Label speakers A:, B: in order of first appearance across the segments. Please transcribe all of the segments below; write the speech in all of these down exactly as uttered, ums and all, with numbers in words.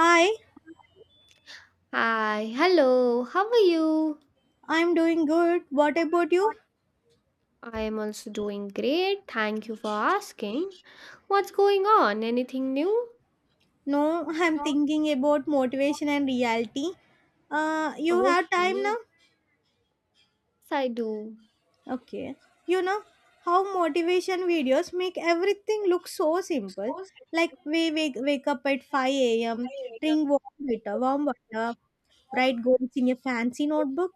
A: Hi,
B: Hi, hello, how are you?
A: I'm doing good. What about you?
B: I am also doing great. Thank you for asking. What's going on? Anything new?
A: No, I'm thinking about motivation and reality. Uh, you have time now?
B: Okay. Yes, I do.
A: Okay. You know how motivation videos make everything look so simple. Like we wake, wake up at five a m, drink warm water, warm water, write goals in a fancy notebook,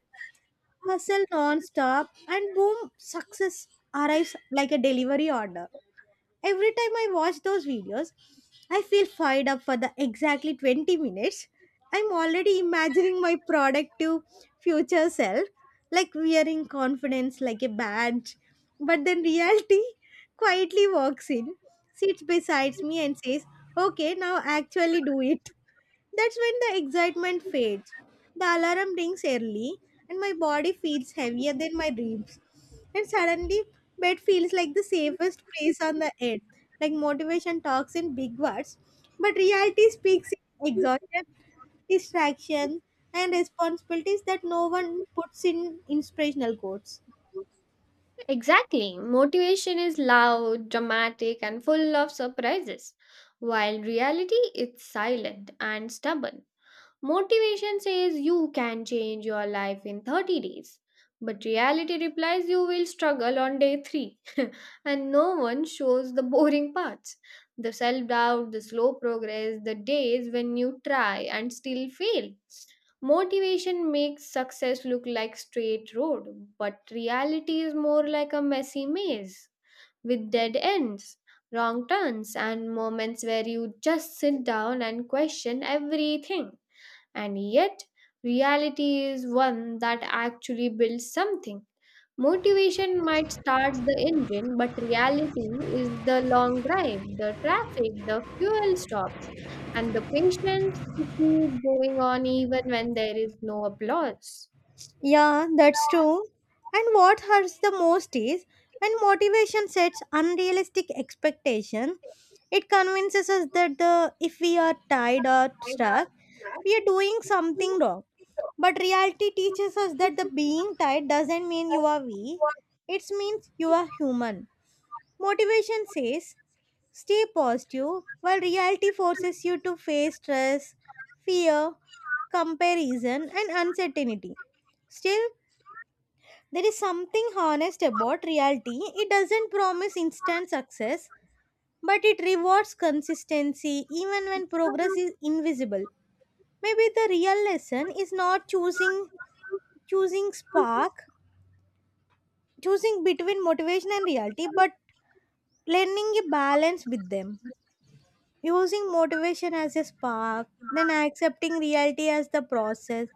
A: hustle non-stop, and boom, success arrives like a delivery order. Every time I watch those videos, I feel fired up for the exactly twenty minutes. I'm already imagining my productive future self, like wearing confidence like a badge. But then reality quietly walks in, sits beside me, and says, okay, now actually do it. That's when the excitement fades. The alarm rings early, and my body feels heavier than my dreams. And suddenly, bed feels like the safest place on the earth. Like motivation talks in big words, but reality speaks in exhaustion, distraction, and responsibilities that no one puts in inspirational quotes.
B: Exactly. Motivation is loud, dramatic, and full of surprises, while reality is silent and stubborn. Motivation says you can change your life in thirty days, but reality replies you will struggle on day three. And no one shows the boring parts, the self doubt, the slow progress, the days when you try and still fail. Motivation makes success look like straight road, but reality is more like a messy maze with dead ends, wrong turns, and moments where you just sit down and question everything. And yet, reality is one that actually builds something. Motivation might start the engine, but reality is the long drive, the traffic, the fuel stops, and the patience to keep going on even when there is no applause.
A: Yeah, that's true. And what hurts the most is when motivation sets unrealistic expectation, it convinces us that the if we are tired or stuck, we are doing something wrong. But reality teaches us that the being tired doesn't mean you are weak. It means you are human. Motivation says stay positive, while reality forces you to face stress, fear, comparison and uncertainty. Still, there is something honest about reality. It doesn't promise instant success, but it rewards consistency even when progress is invisible. Maybe the real lesson is not choosing choosing spark, choosing between motivation and reality, but learning a balance with them. Using motivation as a spark, then accepting reality as the process.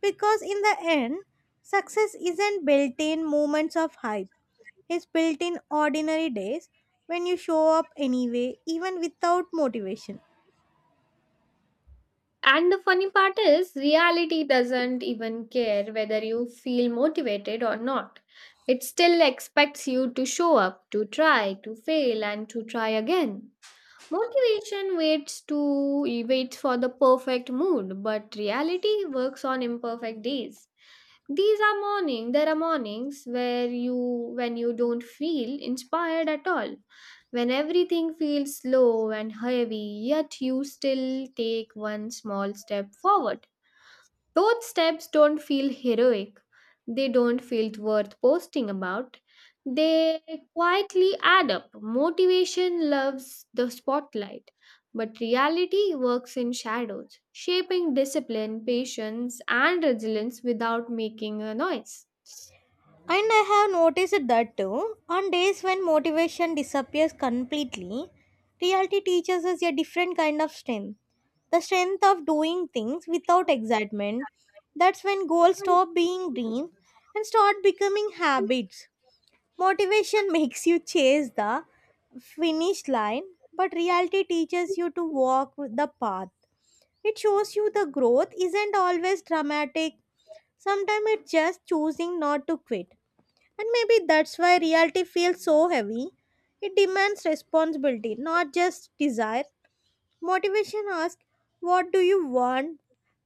A: Because in the end, success isn't built in moments of hype. Is built in ordinary days when you show up anyway, even without motivation.
B: And the funny part is, reality doesn't even care whether you feel motivated or not. It still expects you to show up, to try, to fail, and to try again. Motivation waits to Waits for the perfect mood, but reality works on imperfect days. These are morning. There are mornings where you when you don't feel inspired at all. When everything feels slow and heavy, yet you still take one small step forward. Those steps don't feel heroic. They don't feel worth posting about. They quietly add up. Motivation loves the spotlight, but reality works in shadows, shaping discipline, patience, and resilience without making a noise.
A: And I have noticed that too. On days when motivation disappears completely, reality teaches us a different kind of strength. The strength of doing things without excitement. That's when goals stop being dreams and start becoming habits. Motivation makes you chase the finish line, but reality teaches you to walk with the path. It shows you the growth isn't always dramatic. Sometimes it's just choosing not to quit. And maybe that's why reality feels so heavy. It demands responsibility, not just desire. Motivation asks, what do you want?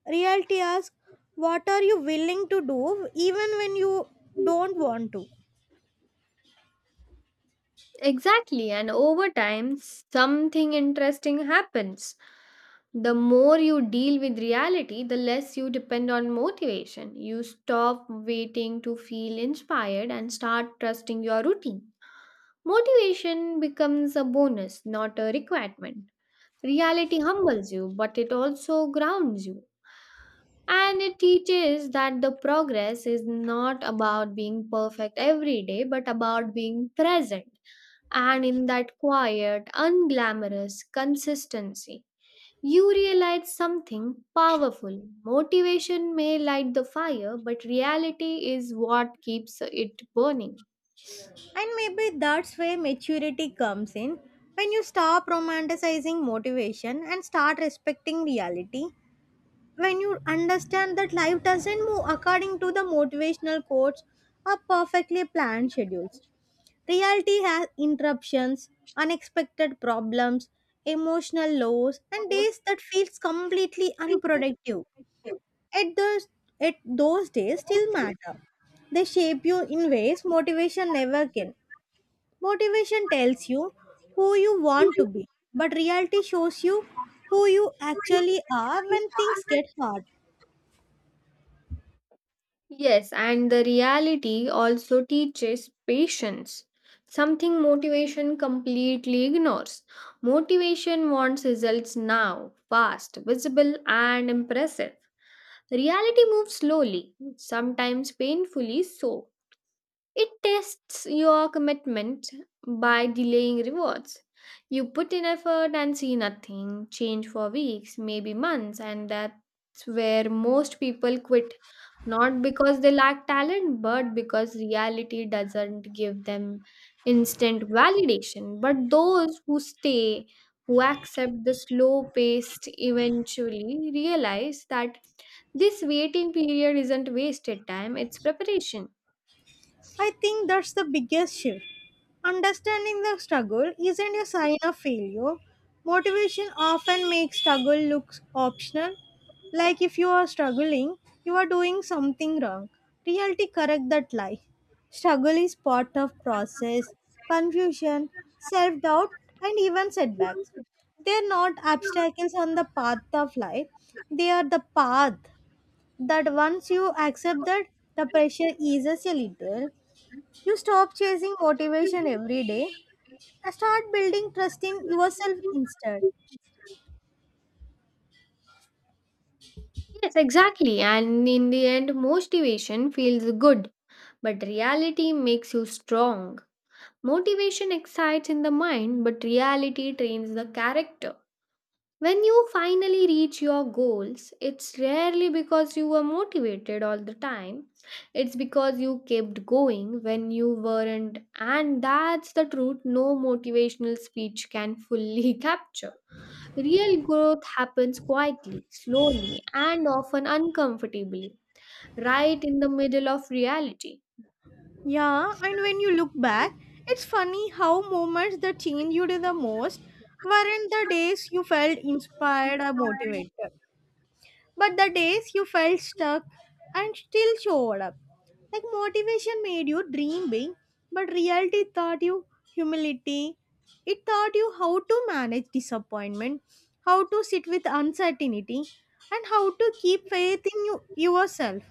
A: Reality asks, what are you willing to do even when you don't want to?
B: Exactly, and over time, something interesting happens. The more you deal with reality, the less you depend on motivation. You stop waiting to feel inspired and start trusting your routine. Motivation becomes a bonus, not a requirement. Reality humbles you, but it also grounds you. And it teaches that the progress is not about being perfect every day, but about being present. And in that quiet, unglamorous consistency, you realize something powerful. Motivation may light the fire, but reality is what keeps it burning.
A: And maybe that's where maturity comes in. When you stop romanticizing motivation and start respecting reality, when you understand that life doesn't move according to the motivational quotes or perfectly planned schedules. Reality has interruptions, unexpected problems, emotional lows, and days that feels completely unproductive. At those, at those days still matter. They shape you in ways motivation never can. Motivation tells you who you want to be, but reality shows you who you actually are when things get hard.
B: Yes, and the reality also teaches patience, something motivation completely ignores. Motivation wants results now, fast, visible, and impressive. Reality moves slowly, sometimes painfully so. It tests your commitment by delaying rewards. You put in effort and see nothing change for weeks, maybe months, and that's where most people quit. Not because they lack talent, but because reality doesn't give them instant validation. But those who stay, who accept the slow pace, eventually realize that this waiting period isn't wasted time, it's preparation.
A: I think that's the biggest shift. Understanding the struggle isn't a sign of failure. Motivation often makes struggle look optional, like if you are struggling, you are doing something wrong. Reality correct that lie. Struggle is part of process, confusion, self-doubt, and even setbacks. They're not obstacles on the path of life. They are the path that once you accept that, the pressure eases a little. You stop chasing motivation every day and start building trust in yourself instead.
B: Yes, exactly. And in the end, motivation feels good, but reality makes you strong. Motivation excites in the mind, but reality trains the character. When you finally reach your goals, it's rarely because you were motivated all the time. It's because you kept going when you weren't, and that's the truth no motivational speech can fully capture. Real growth happens quietly, slowly, and often uncomfortably, right in the middle of reality.
A: Yeah, and when you look back, it's funny how moments that changed you the most weren't the days you felt inspired or motivated, but the days you felt stuck and still showed up. Like motivation made you dream big, but reality taught you humility. It taught you how to manage disappointment, how to sit with uncertainty, and how to keep faith in you, yourself.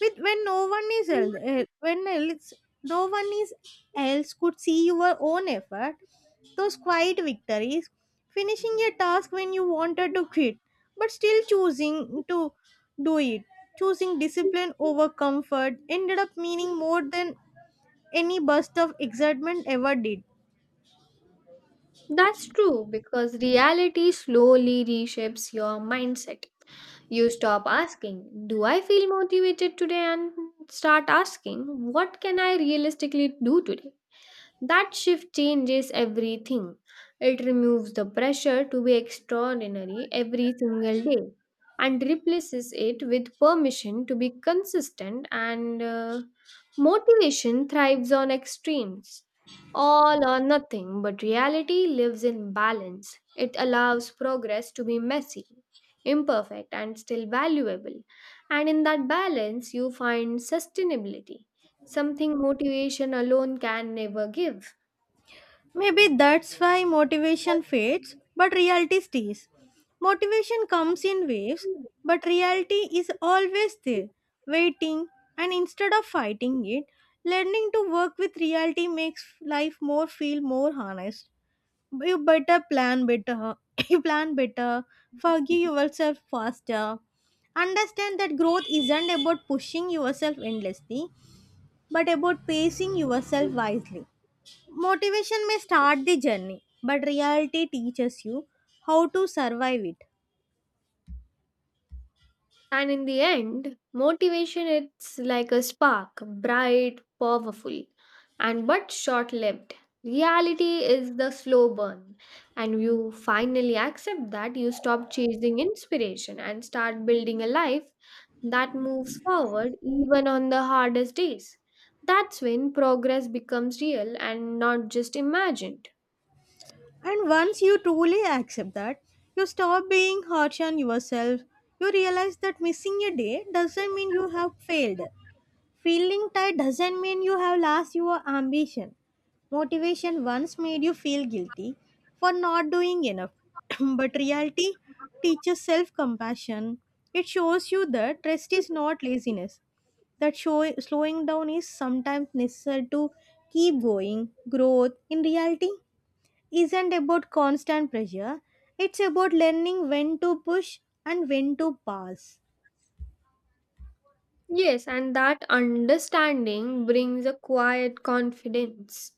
A: With when no one is else, eh, when else, no one is else could see your own effort, those quiet victories, finishing a task when you wanted to quit, but still choosing to do it, choosing discipline over comfort, ended up meaning more than any burst of excitement ever did.
B: That's true because reality slowly reshapes your mindset. You stop asking, "Do I feel motivated today?" and start asking, "What can I realistically do today?" That shift changes everything. It removes the pressure to be extraordinary every single day and replaces it with permission to be consistent, and uh, motivation thrives on extremes. All or nothing, but reality lives in balance. It allows progress to be messy, imperfect, and still valuable. And in that balance, you find sustainability, something motivation alone can never give.
A: Maybe that's why motivation fades, but reality stays. Motivation comes in waves, but reality is always there, waiting, and instead of fighting it, learning to work with reality makes life more feel more honest. You better plan better, you plan better, forgive yourself faster. Understand that growth isn't about pushing yourself endlessly, but about pacing yourself wisely. Motivation may start the journey, but reality teaches you how to survive it.
B: And in the end, motivation it's like a spark, bright, powerful, and but short-lived. Reality is the slow burn, and you finally accept that you stop chasing inspiration and start building a life that moves forward even on the hardest days. That's when progress becomes real and not just imagined.
A: And once you truly accept that, you stop being harsh on yourself. You realize that missing a day doesn't mean you have failed. Feeling tired doesn't mean you have lost your ambition. Motivation once made you feel guilty for not doing enough, but reality teaches self compassion. It shows you that rest is not laziness, that show, slowing down is sometimes necessary to keep going. Growth, in reality, isn't about constant pressure, it's about learning when to push and when to pass.
B: Yes, and that understanding brings a quiet confidence.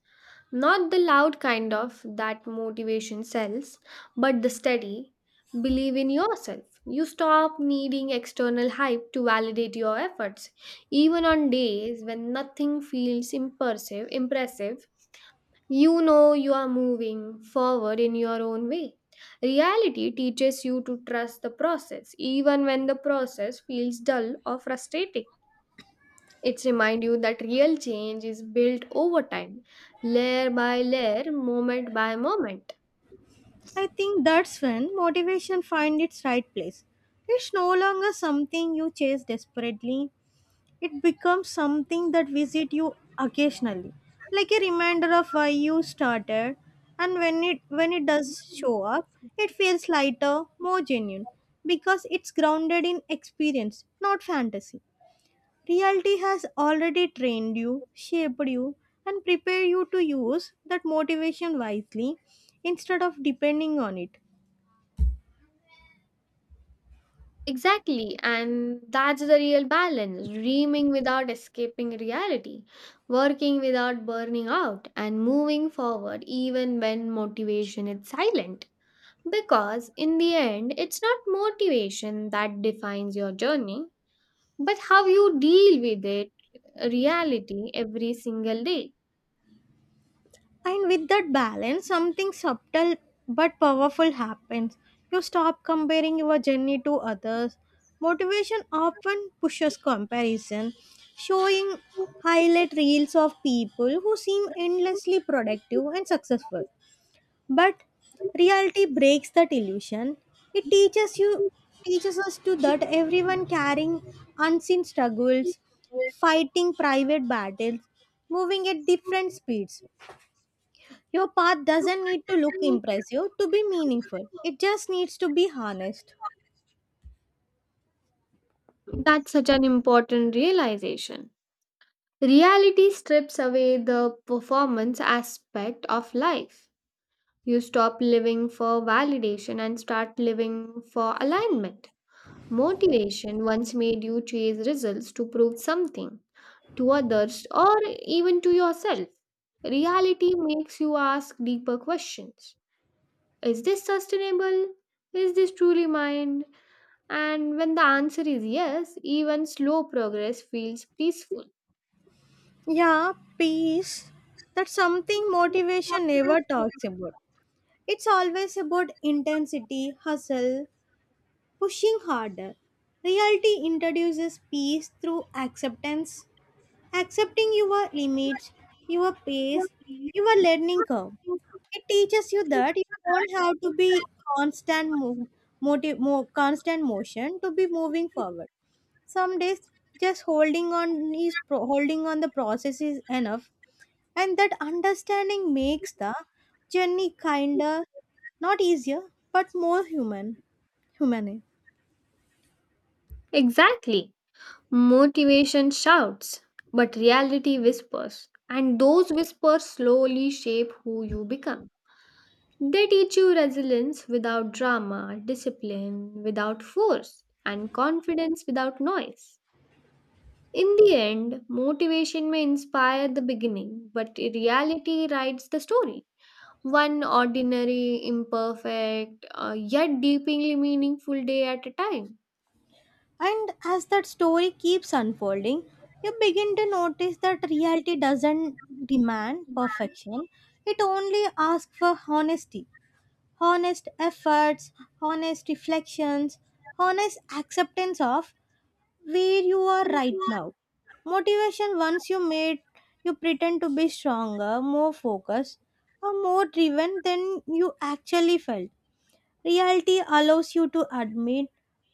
B: Not the loud kind of that motivation sells, but the steady believe in yourself. You stop needing external hype to validate your efforts. Even on days when nothing feels impressive, impressive, you know you are moving forward in your own way. Reality teaches you to trust the process, even when the process feels dull or frustrating. It's remind you that real change is built over time, layer by layer, moment by moment.
A: I think that's when motivation finds its right place. It's no longer something you chase desperately, it becomes something that visit you occasionally, like a reminder of why you started, and when it when it does show up, it feels lighter, more genuine, because it's grounded in experience, not fantasy. Reality has already trained you, shaped you, and prepared you to use that motivation wisely instead of depending on it.
B: Exactly, and that's the real balance, dreaming without escaping reality, working without burning out, and moving forward even when motivation is silent. Because in the end, it's not motivation that defines your journey, but how you deal with it, reality, every single day.
A: And with that balance, something subtle but powerful happens. You stop comparing your journey to others. Motivation often pushes comparison, showing highlight reels of people who seem endlessly productive and successful. But reality breaks that illusion. It teaches you teaches us to that everyone carrying unseen struggles, fighting private battles, moving at different speeds. Your path doesn't need to look impressive to be meaningful. It just needs to be harnessed.
B: That's such an important realization. Reality strips away the performance aspect of life. You stop living for validation and start living for alignment. Motivation once made you chase results to prove something to others or even to yourself. Reality makes you ask deeper questions. Is this sustainable? Is this truly mine? And when the answer is yes, even slow progress feels peaceful.
A: Yeah, peace. That's something motivation never talks about. It's always about intensity, hustle, pushing harder. Reality introduces peace through acceptance, accepting your limits, your pace, your learning curve. It teaches you that you don't have to be constant mo- motive, mo- constant motion to be moving forward. Some days just holding on is pro- holding on the process is enough, and that understanding makes the journey kinder, not easier, but more human. Humane.
B: Exactly. Motivation shouts, but reality whispers. And those whispers slowly shape who you become. They teach you resilience without drama, discipline without force, and confidence without noise. In the end, motivation may inspire the beginning, but reality writes the story. One ordinary, imperfect, uh, yet deeply meaningful day at a time.
A: And as that story keeps unfolding, you begin to notice that reality doesn't demand perfection. It only asks for honesty, honest efforts, honest reflections, honest acceptance of where you are right now. Motivation once you made you pretend to be stronger, more focused, or more driven than you actually felt. Reality allows you to admit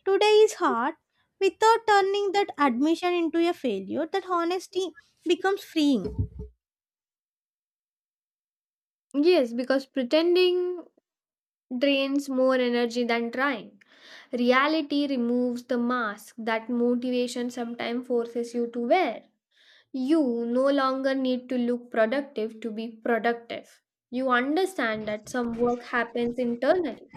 A: today is hard without turning that admission into a failure. That honesty becomes freeing.
B: Yes, because pretending drains more energy than trying. Reality removes the mask that motivation sometimes forces you to wear. You no longer need to look productive to be productive. You understand that some work happens internally.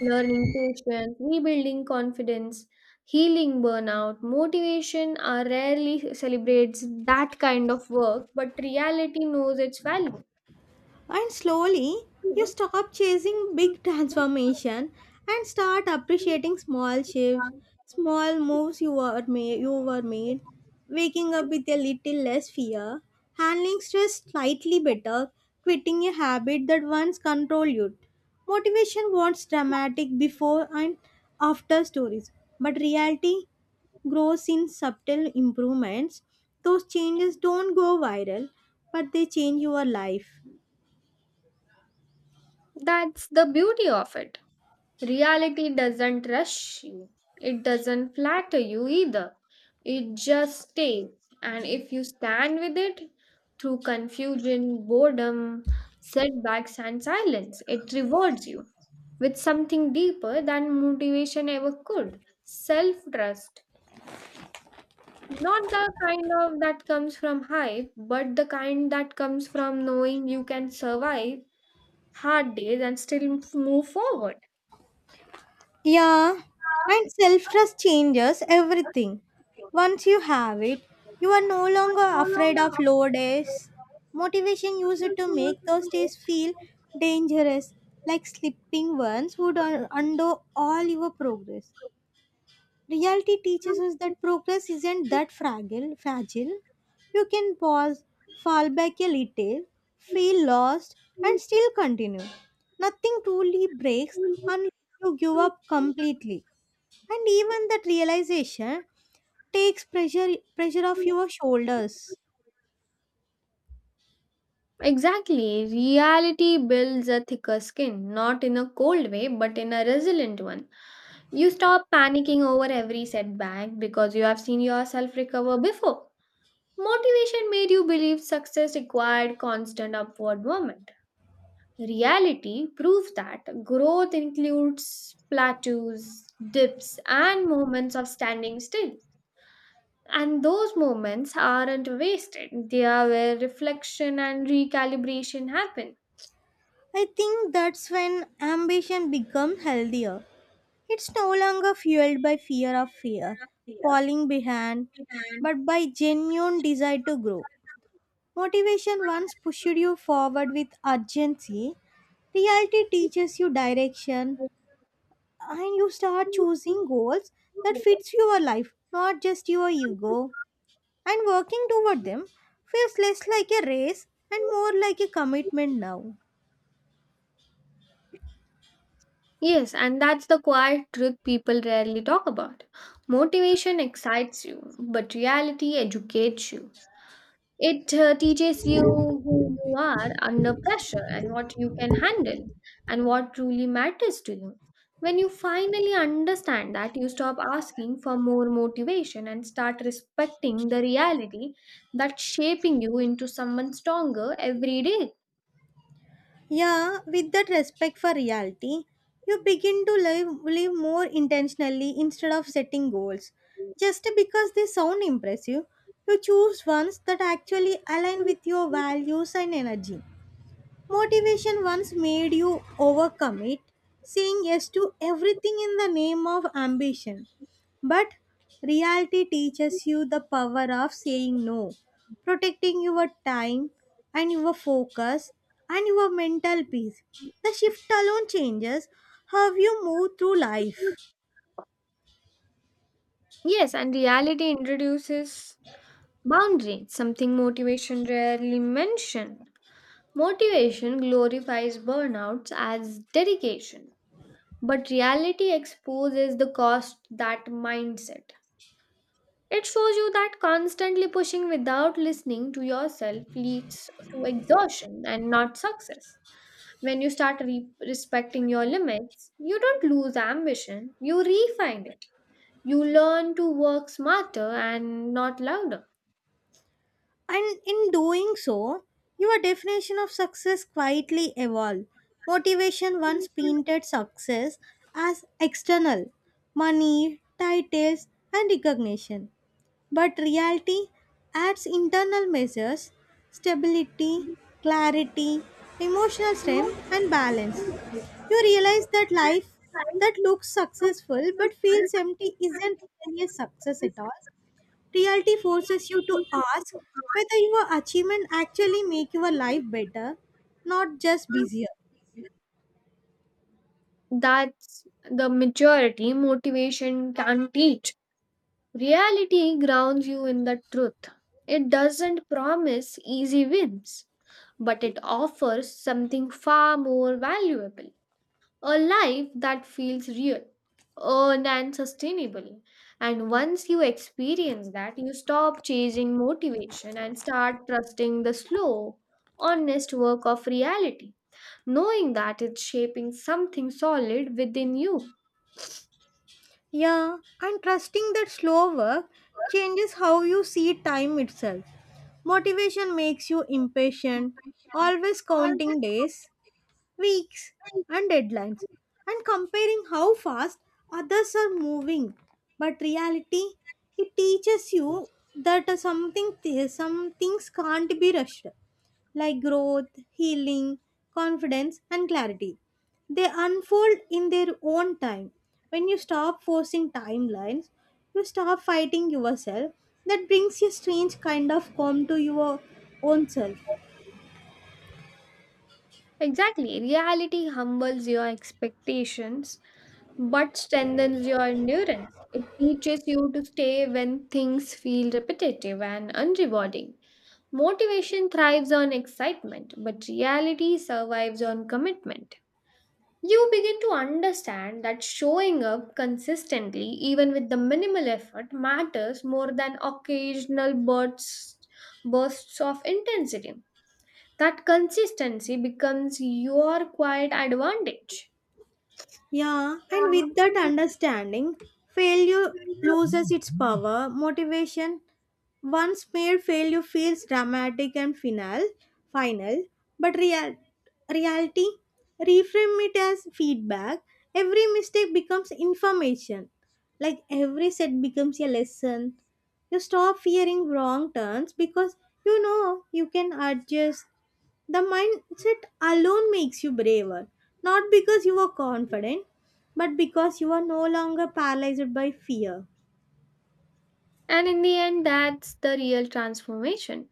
B: Learning patience, rebuilding confidence, healing burnout, motivation are rarely celebrates that kind of work, but reality knows its value.
A: And slowly, you stop chasing big transformation and start appreciating small shifts, small moves you were made, you were made, waking up with a little less fear, handling stress slightly better, quitting a habit that once controlled you. Motivation wants dramatic before and after stories, but reality grows in subtle improvements. Those changes don't go viral, but they change your life.
B: That's the beauty of it. Reality doesn't rush you, it doesn't flatter you either. It just stays. And if you stand with it through confusion, boredom, setbacks, and silence, it rewards you with something deeper than motivation ever could, self trust. Not the kind of that comes from hype, but the kind that comes from knowing you can survive hard days and still move forward.
A: Yeah, and self trust changes everything. Once you have it, you are no longer afraid of low days. Motivation used to make those days feel dangerous, like slipping ones would un- undo all your progress. Reality teaches us that progress isn't that fragile. Fragile, You can pause, fall back a little, feel lost, and still continue. Nothing truly breaks unless you give up completely, and even that realization takes pressure pressure off your shoulders.
B: Exactly. Reality builds a thicker skin, not in a cold way, but in a resilient one. You stop panicking over every setback because you have seen yourself recover before. Motivation made you believe success required constant upward movement. Reality proves that growth includes plateaus, dips, and moments of standing still. And those moments aren't wasted, they are where reflection and recalibration happen.
A: I think that's when ambition becomes healthier. It's no longer fueled by fear of fear falling behind, but by genuine desire to grow. Motivation once pushed you forward with urgency, reality teaches you direction, and you start choosing goals that fits your life, not just your ego. And working toward them feels less like a race and more like a commitment now.
B: Yes, and that's the quiet truth people rarely talk about. Motivation excites you, but reality educates you. It uh, teaches you who you are under pressure and what you can handle and what truly matters to you. When you finally understand that, you stop asking for more motivation and start respecting the reality that's shaping you into someone stronger every day.
A: Yeah, with that respect for reality, you begin to live, live more intentionally instead of setting goals. Just because they sound impressive, you choose ones that actually align with your values and energy. Motivation once made you overcommit, saying yes to everything in the name of ambition. But reality teaches you the power of saying no, protecting your time and your focus and your mental peace. The shift alone changes how you move through life.
B: Yes, and reality introduces boundary, something motivation rarely mention. Motivation glorifies burnouts as dedication, but reality exposes the cost that mindset. It shows you that constantly pushing without listening to yourself leads to exhaustion and not success. When you start re- respecting your limits, you don't lose ambition, you refine it. You learn to work smarter and not louder.
A: And in doing so, your definition of success quietly evolved. Motivation once painted success as external money, titles, and recognition. But reality adds internal measures: stability, clarity, emotional strength, and balance. You realize that life that looks successful but feels empty isn't really a success at all. Reality forces you to ask whether your achievement actually make your life better, not just busier.
B: That's the majority motivation can teach. Reality grounds you in the truth. It doesn't promise easy wins, but it offers something far more valuable, a life that feels real, earned, and sustainable. And once you experience that, you stop chasing motivation and start trusting the slow, honest work of reality, knowing that it's shaping something solid within you.
A: Yeah, and trusting that slow work changes how you see time itself. Motivation makes you impatient, always counting days, weeks, and deadlines, and comparing how fast others are moving. But reality, it teaches you that uh, something th- some things can't be rushed. Like growth, healing, confidence, and clarity. They unfold in their own time. When you stop forcing timelines, you stop fighting yourself. That brings a strange kind of calm to your own self.
B: Exactly. Reality humbles your expectations but strengthens your endurance. It teaches you to stay when things feel repetitive and unrewarding. Motivation thrives on excitement, but reality survives on commitment. You begin to understand that showing up consistently, even with the minimal effort, matters more than occasional bursts, bursts of intensity. That consistency becomes your quiet advantage.
A: Yeah, and with that understanding, failure loses its power. Motivation once made failure feels dramatic and final, final, but real, reality, reframe it as feedback. Every mistake becomes information. Like every set becomes a lesson. You stop fearing wrong turns because you know you can adjust. The mindset alone makes you braver, not because you are confident, but because you are no longer paralyzed by fear.
B: And in the end, that's the real transformation.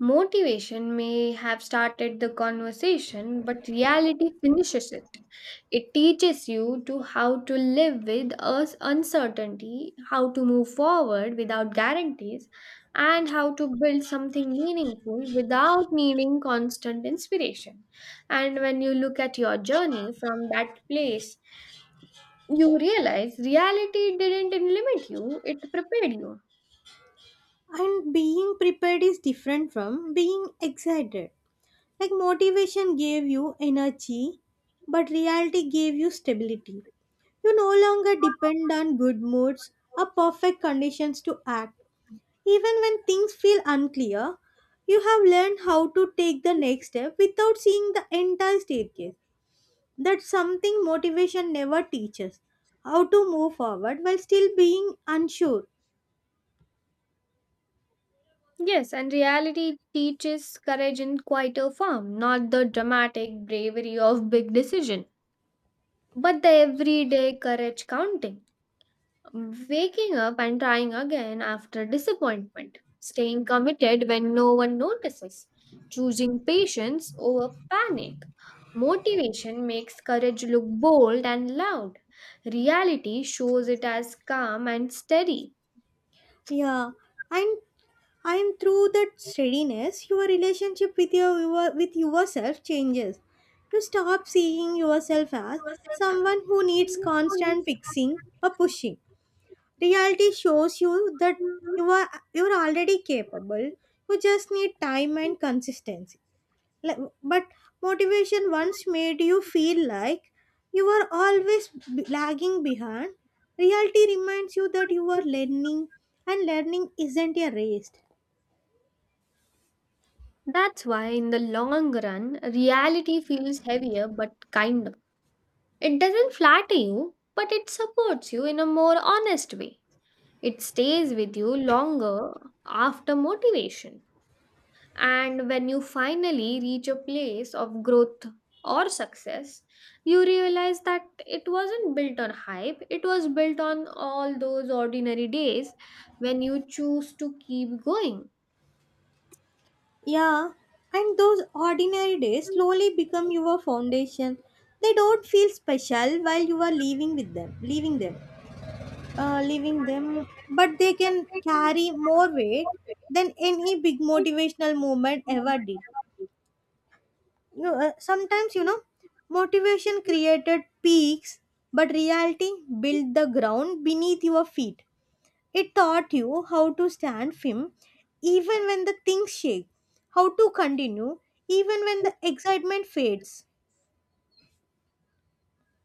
B: Motivation may have started the conversation, but reality finishes it. It teaches you to how to live with us uncertainty, how to move forward without guarantees, and how to build something meaningful without needing constant inspiration. And when you look at your journey from that place, you realize reality didn't limit you, it prepared you.
A: And being prepared is different from being excited. Like motivation gave you energy, but reality gave you stability. You no longer depend on good moods or perfect conditions to act. Even when things feel unclear, you have learned how to take the next step without seeing the entire staircase. That's something motivation never teaches: how to move forward while still being unsure.
B: Yes, and reality teaches courage in quieter form, not the dramatic bravery of big decision, but the everyday courage counting. Waking up and trying again after disappointment, staying committed when no one notices, choosing patience over panic. Motivation makes courage look bold and loud. Reality shows it as calm and steady.
A: Yeah, and and through that steadiness, your relationship with your, your with yourself changes. You stop seeing yourself as someone who needs constant fixing or pushing. Reality shows you that you are you are already capable. You just need time and consistency. Like, but motivation once made you feel like you were always b- lagging behind. Reality reminds you that you are learning, and learning isn't a race.
B: That's why, in the long run, reality feels heavier but kinder. It doesn't flatter you, but it supports you in a more honest way. It stays with you longer after motivation. And when you finally reach a place of growth or success, you realize that it wasn't built on hype, it was built on all those ordinary days when you choose to keep going.
A: Yeah, and those ordinary days slowly become your foundation. They don't feel special while you are living with them leaving them uh, leaving them, but they can carry more weight than any big motivational moment ever did. No, uh, sometimes you know, motivation created peaks, but reality built the ground beneath your feet. It taught you how to stand firm even when the things shake, how to continue even when the excitement fades.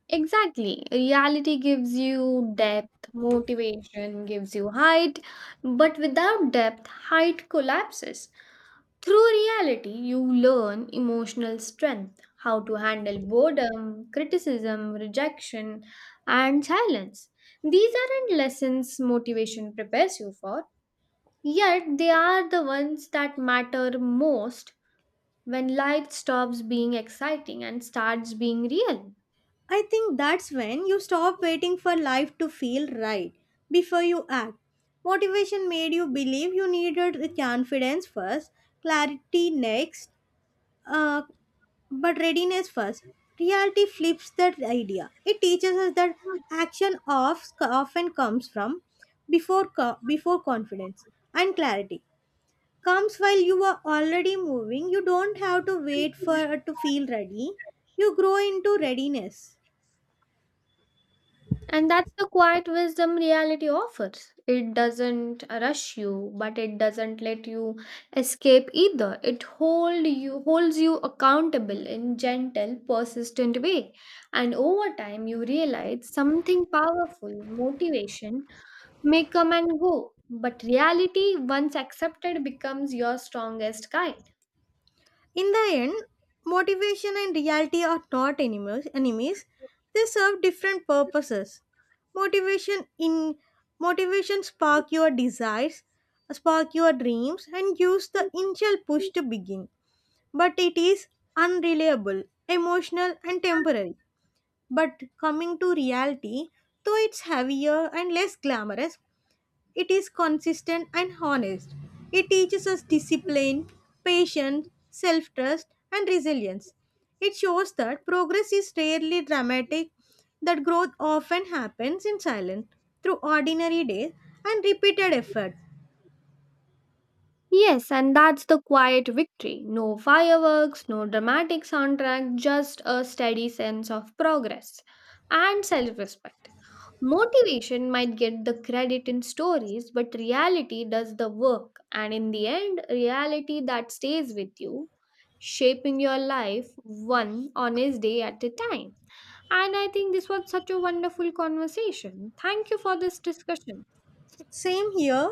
B: Exactly. Reality gives you depth, motivation gives you height, but without depth, height collapses. Through reality, you learn emotional strength, how to handle boredom, criticism, rejection, and silence. These aren't lessons motivation prepares you for, yet, they are the ones that matter most when life stops being exciting and starts being real.
A: I think that's when you stop waiting for life to feel right before you act. Motivation made you believe you needed the confidence first, clarity next, Uh, but readiness first. Reality flips that idea. It teaches us that action of- often comes from before co- before confidence, and clarity comes while you are already moving. You don't have to wait for to feel ready. You grow into readiness.
B: And that's the quiet wisdom reality offers. It doesn't rush you, but it doesn't let you escape either. It hold you holds you accountable in gentle, persistent way. And over time you realize something powerful, motivation may come and go, but reality once accepted becomes your strongest guide.
A: In the end, motivation and reality are not enemies, enemies. They serve different purposes. Motivation in motivation spark your desires, spark your dreams and gives the initial push to begin. But it is unreliable, emotional and temporary. But coming to reality, though it's heavier and less glamorous, it is consistent and honest. It teaches us discipline, patience, self trust, and resilience. It shows that progress is rarely dramatic, that growth often happens in silence, through ordinary days and repeated effort.
B: Yes, and that's the quiet victory. No fireworks, no dramatic soundtrack, just a steady sense of progress and self respect. Motivation might get the credit in stories, but reality does the work. And in the end, reality that stays with you, shaping your life one honest day at a time. And I think this was such a wonderful conversation. Thank you for this discussion.
A: Same here,